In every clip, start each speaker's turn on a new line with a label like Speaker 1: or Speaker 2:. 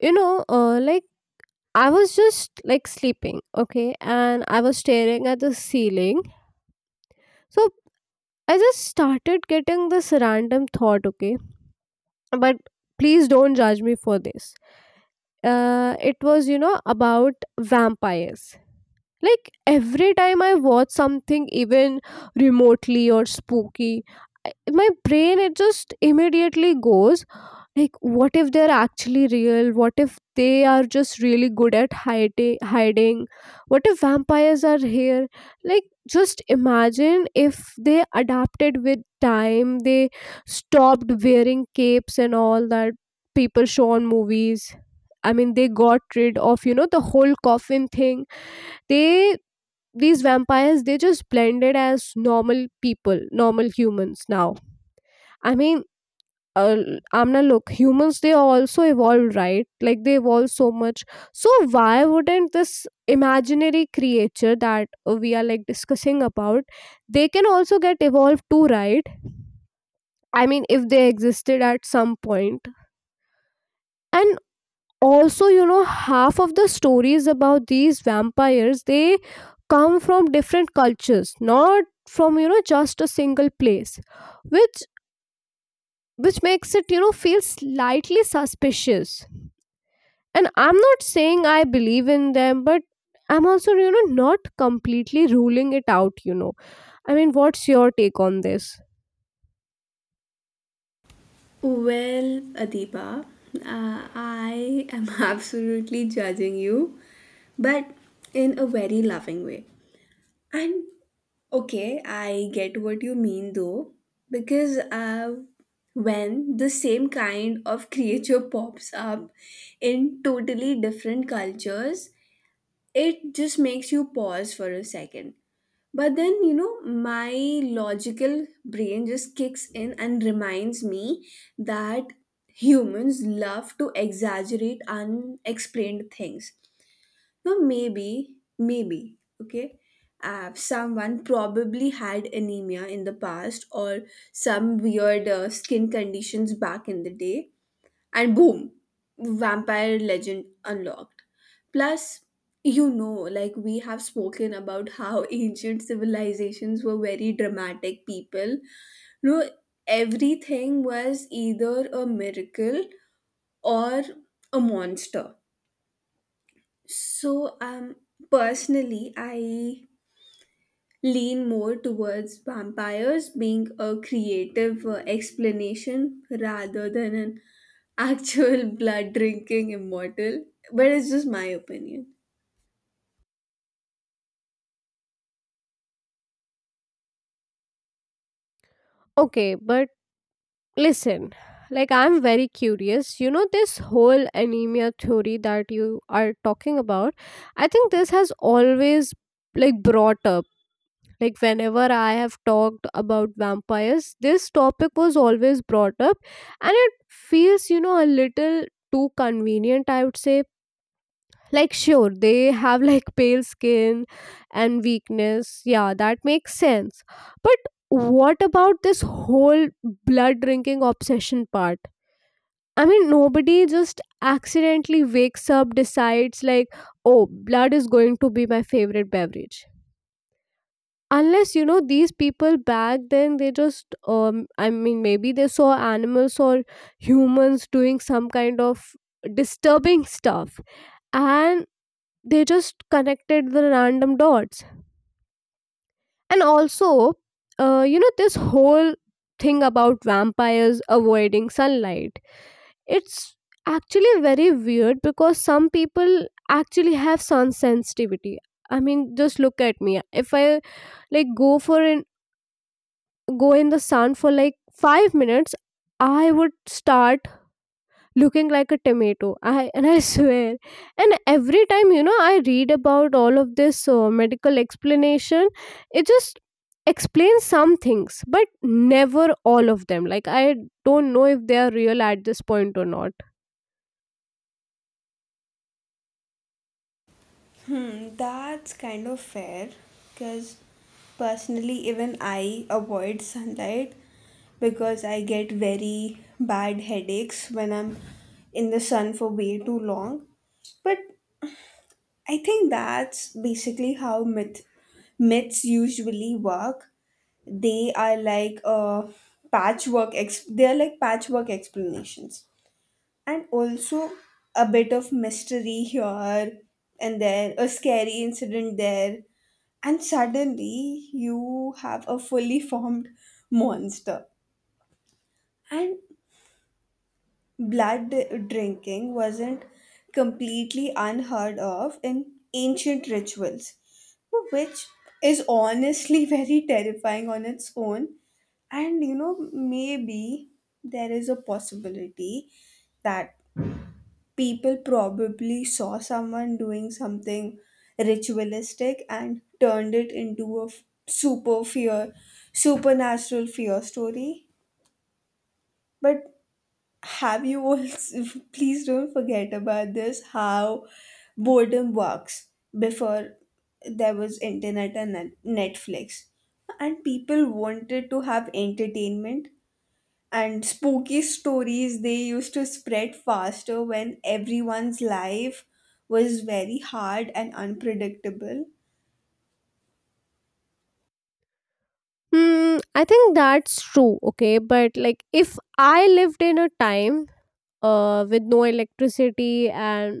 Speaker 1: Like, I was just like sleeping, okay? And I was staring at the ceiling. So I just started getting this random thought, okay? But please don't judge me for this. It was, about vampires. Like every time I watch something even remotely or spooky, my brain it just immediately goes. Like, what if they're actually real? What if they are just really good at Hiding? What if vampires are here? Like, just imagine if they adapted with time. They stopped wearing capes and all that people show on movies. I mean, they got rid of, the whole coffin thing. They These vampires they just blended as normal people, normal humans now. I mean, uh, Amna, look, humans they also evolved, right? Like they evolved so much. So why wouldn't this imaginary creature that, we are like discussing about, they can also get evolved too, right? I mean, if they existed at some point. And also, half of the stories about these vampires, they come from different cultures, not from, just a single place, which which makes it, feel slightly suspicious. And I'm not saying I believe in them, but I'm also, not completely ruling it out. I mean, what's your take on this?
Speaker 2: Well, Adiba, I am absolutely judging you, but in a very loving way. And okay, I get what you mean though, because when the same kind of creature pops up in totally different cultures, it just makes you pause for a second. But then, you know, my logical brain just kicks in and reminds me that humans love to exaggerate unexplained things. Now, maybe, okay, someone probably had anemia in the past or some weird skin conditions back in the day and boom, vampire legend unlocked. Plus, you know, like we have spoken about how ancient civilizations were very dramatic people. No, everything was either a miracle or a monster. So, personally, I lean more towards vampires being a creative explanation rather than an actual blood drinking immortal. But it's just my opinion.
Speaker 1: Okay, but listen, like I'm very curious, this whole anemia theory that you are talking about. I think this has always, like brought up, like whenever I have talked about vampires, this topic was always brought up. And it feels, a little too convenient, I would say. Like, sure, they have like pale skin and weakness. Yeah, that makes sense. But what about this whole blood drinking obsession part? I mean, nobody just accidentally wakes up, decides, like, oh, blood is going to be my favorite beverage, unless, these people back then they just, I mean maybe they saw animals or humans doing some kind of disturbing stuff, and they just connected the random dots. And also, this whole thing about vampires avoiding sunlight, it's actually very weird because some people actually have sun sensitivity. I mean, just look at me. If I like go in the sun for like 5 minutes, I would start looking like a tomato. I swear. And every time, I read about all of this medical explanation, it just explains some things but never all of them. Like I don't know if they are real at this point or not.
Speaker 2: That's kind of fair because personally, even I avoid sunlight because I get very bad headaches when I'm in the sun for way too long. But I think that's basically how myths usually work. They are like a they are like patchwork explanations and also a bit of mystery here and there a scary incident there and suddenly you have a fully formed monster and blood drinking wasn't completely unheard of in ancient rituals which is honestly very terrifying on its own. And you know, maybe there is a possibility that people probably saw someone doing something ritualistic and turned it into a super fear, supernatural fear story. But have you also, please don't forget about this, how boredom works before there was internet and Netflix. And people wanted to have entertainment and spooky stories they used to spread faster when everyone's life was very hard and unpredictable.
Speaker 1: Hmm, I think that's true. Okay, but like if I lived in a time, with no electricity and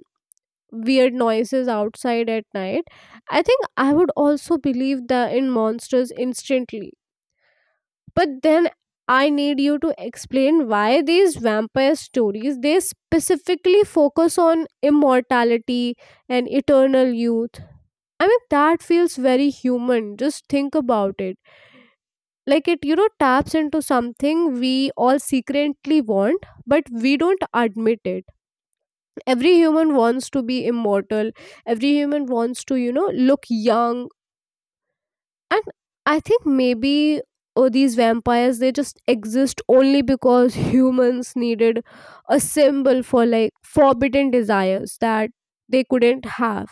Speaker 1: weird noises outside at night, I think I would also believe the in monsters instantly. But then I need you to explain why these vampire stories they specifically focus on immortality and eternal youth. I mean, that feels very human. Just think about it. Like it taps into something we all secretly want, but we don't admit it. Every human wants to be immortal. Every human wants to look young. And I think maybe, oh, these vampires they just exist only because humans needed a symbol for like forbidden desires that they couldn't have.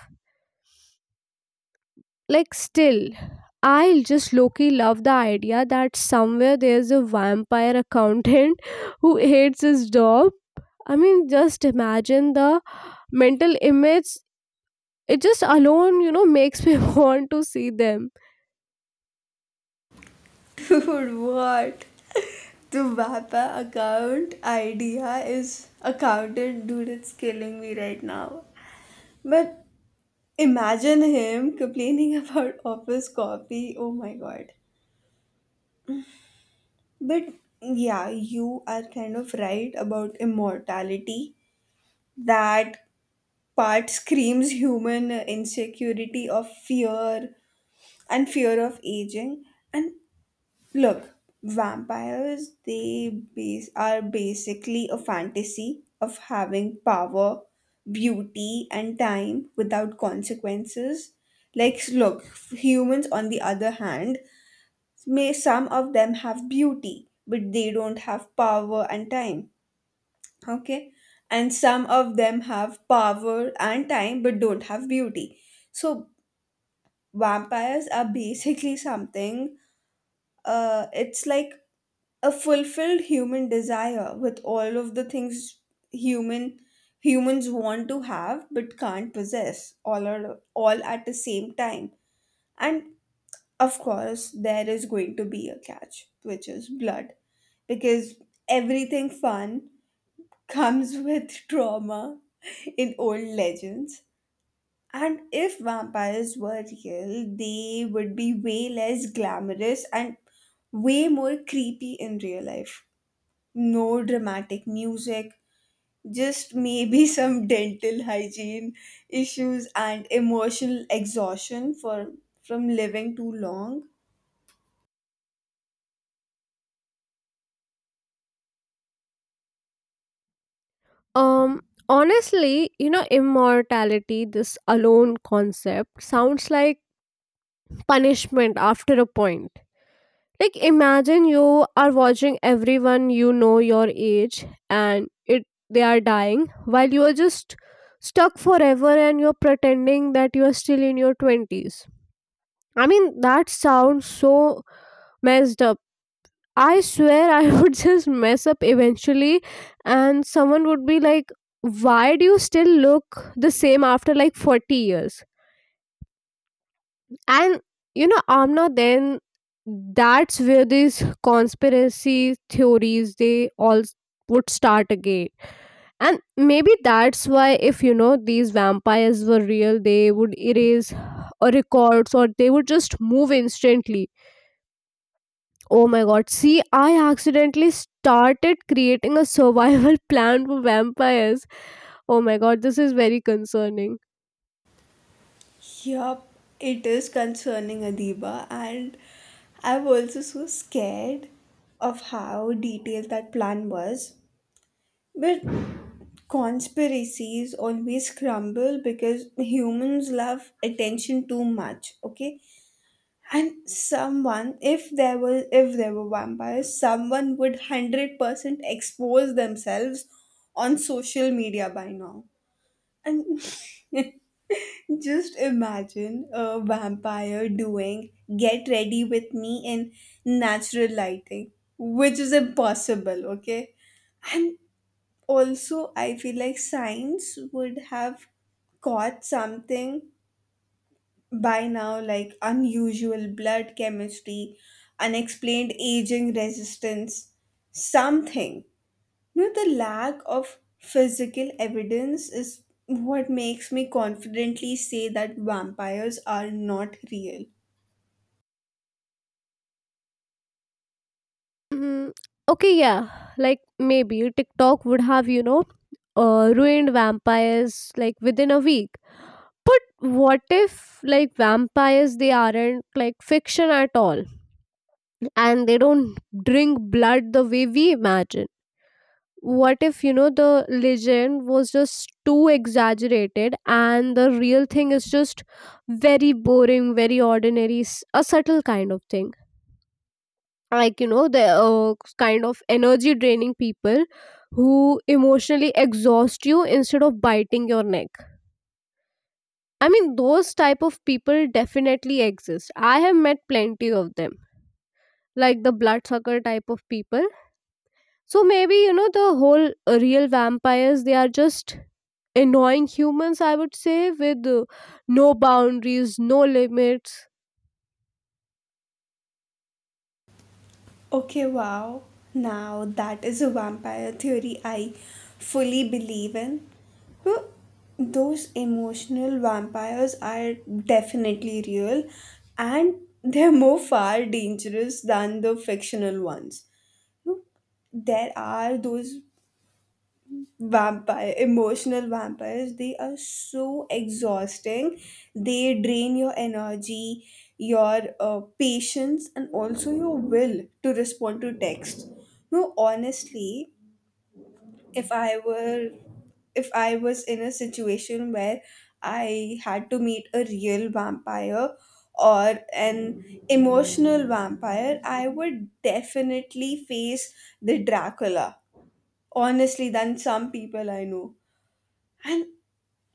Speaker 1: Like still, I just low-key love the idea that somewhere there's a vampire accountant who hates his job. I mean, just imagine the mental image. It just alone, makes me want to see them.
Speaker 2: Dude, what? The Vapa account idea is accountant, dude, it's killing me right now. But imagine him complaining about office coffee. Oh my god. But yeah, you are kind of right about immortality. That part screams human insecurity of fear and fear of aging and look vampires they are basically a fantasy of having power beauty and time without consequences. Like look humans on the other hand may some of them have beauty but they don't have power and time, okay? And some of them have power and time but don't have beauty. So vampires are basically something, it's like a fulfilled human desire with all of the things human humans want to have but can't possess all at the same time. And of course there is going to be a catch which is blood because everything fun comes with trauma in old legends. And if vampires were real, they would be way less glamorous and way more creepy in real life. No dramatic music, just maybe some dental hygiene issues and emotional exhaustion for from living too long.
Speaker 1: Um, Honestly, immortality, this alone concept sounds like punishment after a point. Like, imagine you are watching everyone you know your age and it they are dying while you are just stuck forever and you're pretending that you are still in your 20s. I mean, that sounds so messed up. I swear I would just mess up eventually, and someone would be like, why do you still look the same after like 40 years? And, Amna, then that's where these conspiracy theories they all would start again. And maybe that's why, if these vampires were real, they would erase, records, or they would just move instantly. Oh my god. See, I accidentally started creating a survival plan for vampires. Oh my god, this is very concerning.
Speaker 2: Yup, it is concerning Adiba, and I was also so scared of how detailed that plan was. But conspiracies always crumble because humans love attention too much, okay? And someone, if there were vampires, someone would 100% expose themselves on social media by now. And just imagine a vampire doing get ready with me in natural lighting, which is impossible, okay? And also, I feel like science would have caught something by now, like unusual blood chemistry, unexplained aging resistance, something. No, the lack of physical evidence is what makes me confidently say that vampires are not real.
Speaker 1: Mm, okay, yeah. Like maybe TikTok would have, ruined vampires like within a week. But what if like vampires they aren't like fiction at all and they don't drink blood the way we imagine? What if, the legend was just too exaggerated and the real thing is just very boring, very ordinary, a subtle kind of thing, like, the kind of energy draining people who emotionally exhaust you instead of biting your neck. I mean those type of people definitely exist. I have met plenty of them, like the bloodsucker type of people. So maybe, the whole real vampires, they are just annoying humans, I would say, with, no boundaries, no limits.
Speaker 2: Okay, wow. Now that is a vampire theory I fully believe in. Well, those emotional vampires are definitely real and they're more far dangerous than the fictional ones. There are those vampire emotional vampires they are so exhausting. They drain your energy, your patience and also your will to respond to text. No honestly if I were if I was in a situation where I had to meet a real vampire or an emotional vampire, I would definitely face the Dracula honestly than some people I know. And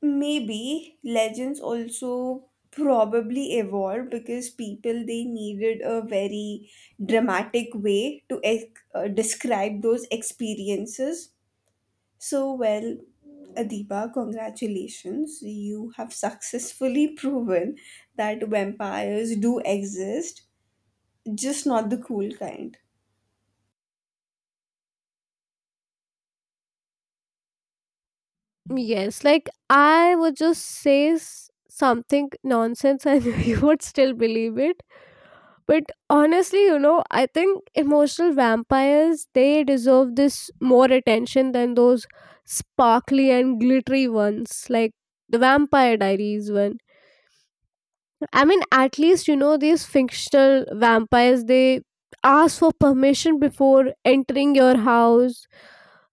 Speaker 2: maybe legends also probably evolved because people they needed a very dramatic way to describe those experiences. So, well, Adiba, congratulations. You have successfully proven that vampires do exist, just not the cool kind.
Speaker 1: Yes, like I would just say something nonsense and you would still believe it. But honestly, I think emotional vampires they deserve this more attention than those sparkly and glittery ones, like the Vampire Diaries one. I mean, at least, these fictional vampires, they ask for permission before entering your house.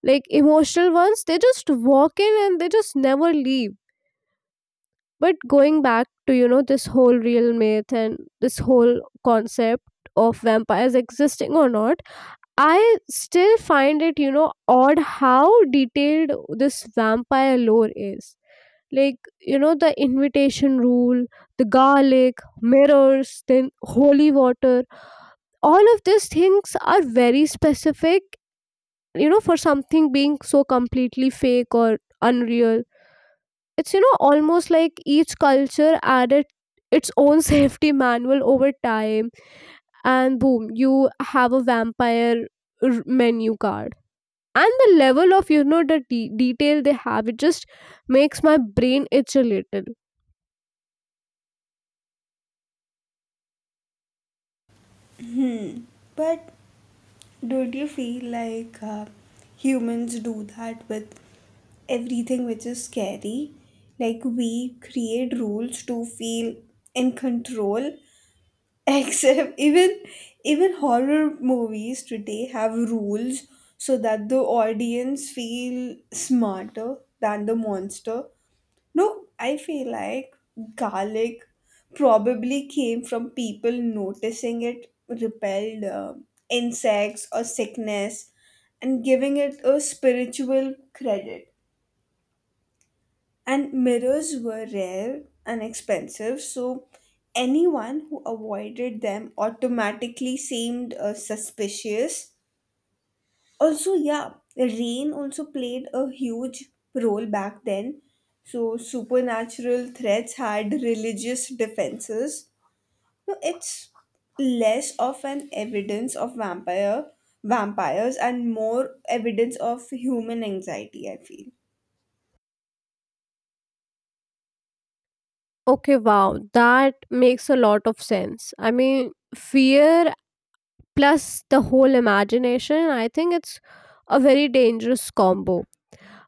Speaker 1: Like emotional ones, they just walk in and they just never leave. But going back to, this whole real myth and this whole concept of vampires existing or not, I still find it odd how detailed this vampire lore is. Like, the invitation rule, the garlic, mirrors, then holy water. All of these things are very specific, for something being so completely fake or unreal. It's almost like each culture added its own safety manual over time, and boom, you have a vampire menu card. And the level of, the detail they have, it just makes my brain itch a little.
Speaker 2: But don't you feel like humans do that with everything which is scary? Like we create rules to feel in control. Except even horror movies today have rules so that the audience feel smarter than the monster. No, I feel like garlic probably came from people noticing it repelled insects or sickness and giving it a spiritual credit. And mirrors were rare and expensive, so anyone who avoided them automatically seemed suspicious. Also, yeah, rain also played a huge role back then. So, supernatural threats had religious defenses. So it's less of an evidence of vampires and more evidence of human anxiety I feel.
Speaker 1: Okay, wow, that makes a lot of sense. I mean, fear plus the whole imagination, I think it's a very dangerous combo.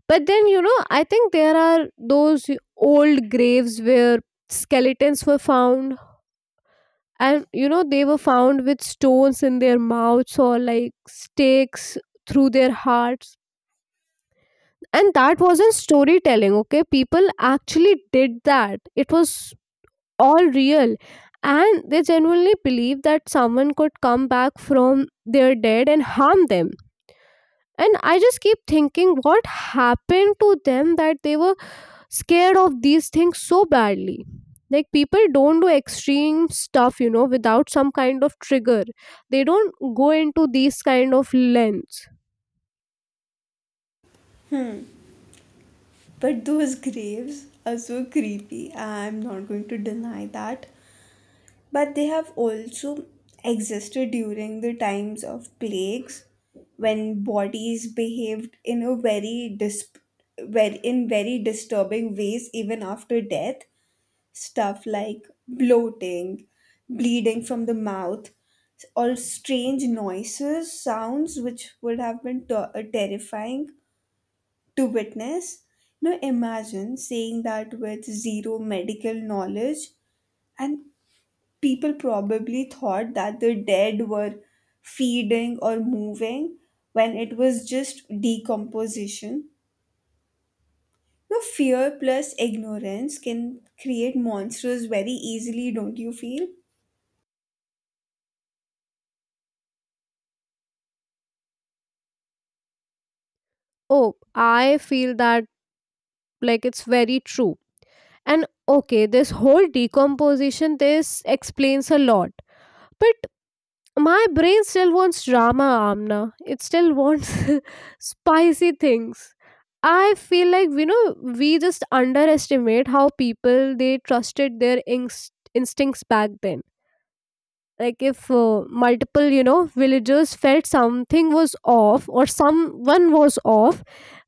Speaker 1: But then, I think there are those old graves where skeletons were found, and, they were found with stones in their mouths or like stakes through their hearts. And that wasn't storytelling, okay? People actually did that. It was all real. And they genuinely believed that someone could come back from their dead and harm them. And I just keep thinking what happened to them that they were scared of these things so badly. Like people don't do extreme stuff without some kind of trigger. They don't go into these kind of lengths.
Speaker 2: But those graves are so creepy, I'm not going to deny that. But they have also existed during the times of plagues when bodies behaved in a very disturbing ways even after death, stuff like bloating, bleeding from the mouth or strange noises sounds which would have been terrifying to witness. Now imagine saying that with zero medical knowledge, and people probably thought that the dead were feeding or moving when it was just decomposition. Now, fear plus ignorance can create monsters very easily, don't you feel?
Speaker 1: Oh, I feel that. Like it's very true. And okay, this whole decomposition this explains a lot. But my brain still wants drama, Amna. It still wants spicy things. I feel like, we just underestimate how people they trusted their instincts back then. Like if, multiple, villagers felt something was off or someone was off,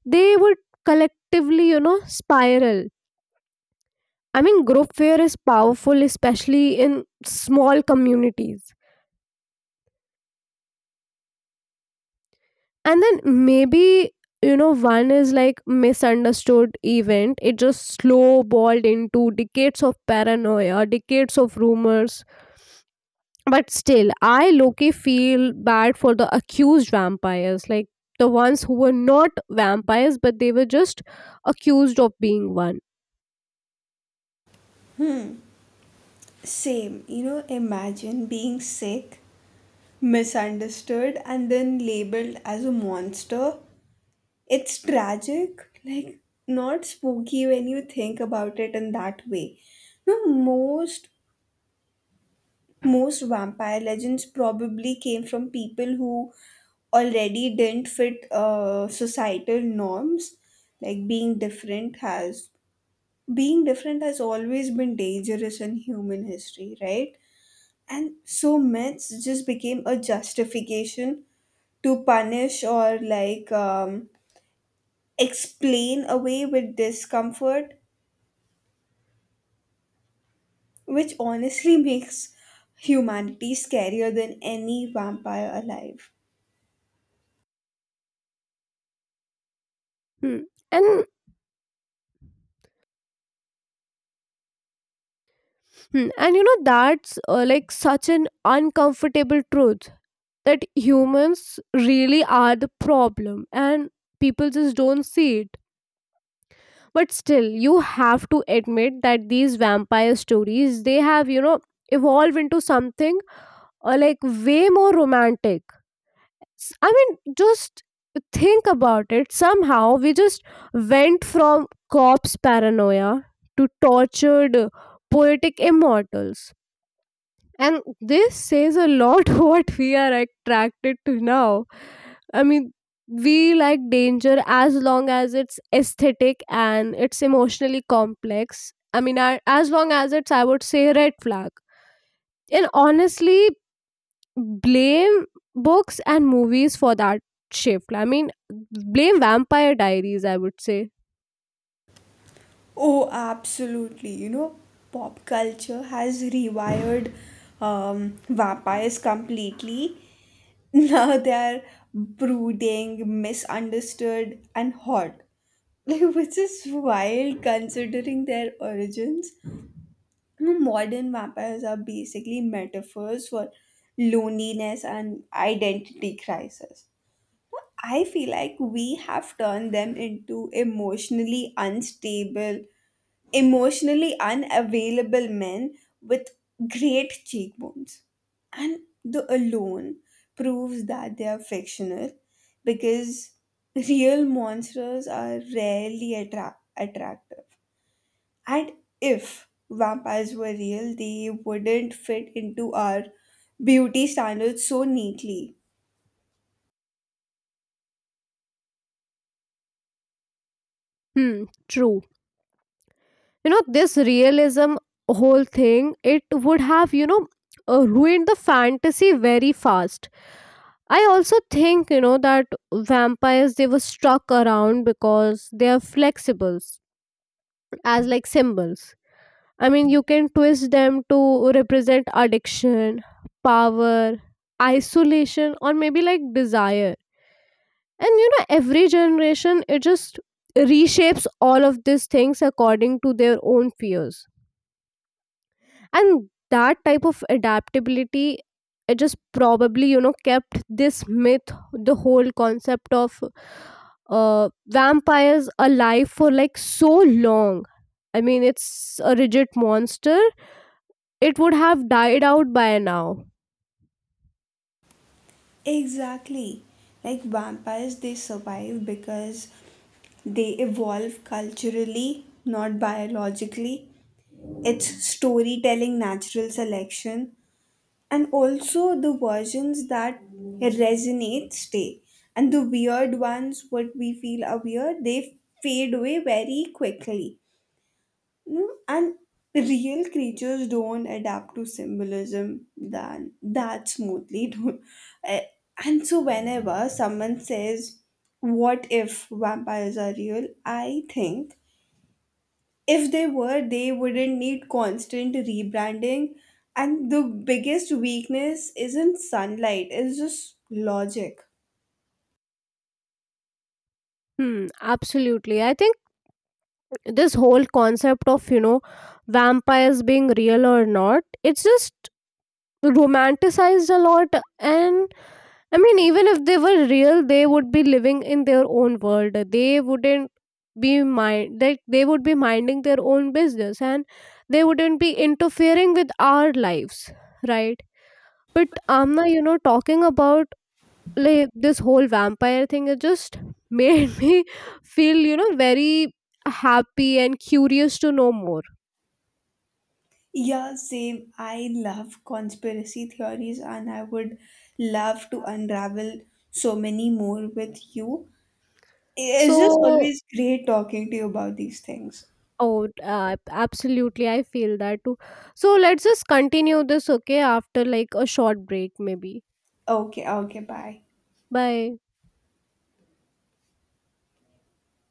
Speaker 1: they would collectively, spiral. I mean, group fear is powerful, especially in small communities. And then maybe, one is like misunderstood event. It just snowballed into decades of paranoia, decades of rumors. But still, I Loki feel bad for the accused vampires, like the ones who were not vampires, but they were just accused of being one.
Speaker 2: Same, you know, imagine being sick, misunderstood, and then labeled as a monster. It's tragic, like not spooky when you think about it in that way. No, most vampire legends probably came from people who already didn't fit societal norms. Like being different has always been dangerous in human history, right? And so myths just became a justification to punish or like explain away with discomfort, which honestly makes humanity scarier than any vampire alive.
Speaker 1: Hmm. And Hmm, And, that's, like such an uncomfortable truth that humans really are the problem, and people just don't see it. But still, you have to admit that these vampire stories, they have evolved into something, like way more romantic. I mean, just think about it. Somehow, we just went from corpse paranoia to tortured, poetic immortals. And this says a lot what we are attracted to now. I mean, we like danger as long as it's aesthetic and it's emotionally complex. I mean, as long as it's, I would say, red flag. And honestly, blame books and movies for that shift. I mean, blame Vampire Diaries, I would say.
Speaker 2: Oh, absolutely. You know, pop culture has rewired vampires completely. Now they are brooding, misunderstood, and hot. Like, which is wild considering their origins. You know, modern vampires are basically metaphors for loneliness and identity crisis. I feel like we have turned them into emotionally unstable, emotionally unavailable men with great cheekbones. And the alone proves that they are fictional because real monsters are rarely attractive. And if vampires were real, they wouldn't fit into our beauty standards so neatly.
Speaker 1: Hmm, true. This realism whole thing, it would have ruined the fantasy very fast. I also think that vampires they were stuck around because they are flexibles as like symbols. I mean, you can twist them to represent addiction, power, isolation, or maybe like desire. And, every generation it just reshapes all of these things according to their own fears. And that type of adaptability, it just probably, kept this myth, the whole concept of, vampires, alive for like so long. I mean, it's a rigid monster, it would have died out by now.
Speaker 2: Exactly. Like vampires, they survive because they evolve culturally, not biologically. It's storytelling, natural selection, and also the versions that resonate stay. And the weird ones, what we feel are weird, they fade away very quickly. No, and real creatures don't adapt to symbolism than that smoothly. Eh, and so whenever someone says, "What if vampires are real?" I think if they were, they wouldn't need constant rebranding. And the biggest weakness isn't sunlight; it's just logic.
Speaker 1: Hmm, absolutely. I think this whole concept of vampires being real or not, it's just romanticized a lot. And I mean, even if they were real, they would be living in their own world. They wouldn't be mind like they would be minding their own business, and they wouldn't be interfering with our lives, right? But Amna, talking about like this whole vampire thing, it just made me feel, very happy and curious to know more.
Speaker 2: Yeah, same. I love conspiracy theories and I would love to unravel so many more with you. It's just
Speaker 1: So,
Speaker 2: always great talking to you about these things.
Speaker 1: oh, absolutely, I feel that too. So let's just continue this, okay, after like a short break maybe.
Speaker 2: Okay, okay, bye.
Speaker 1: Bye.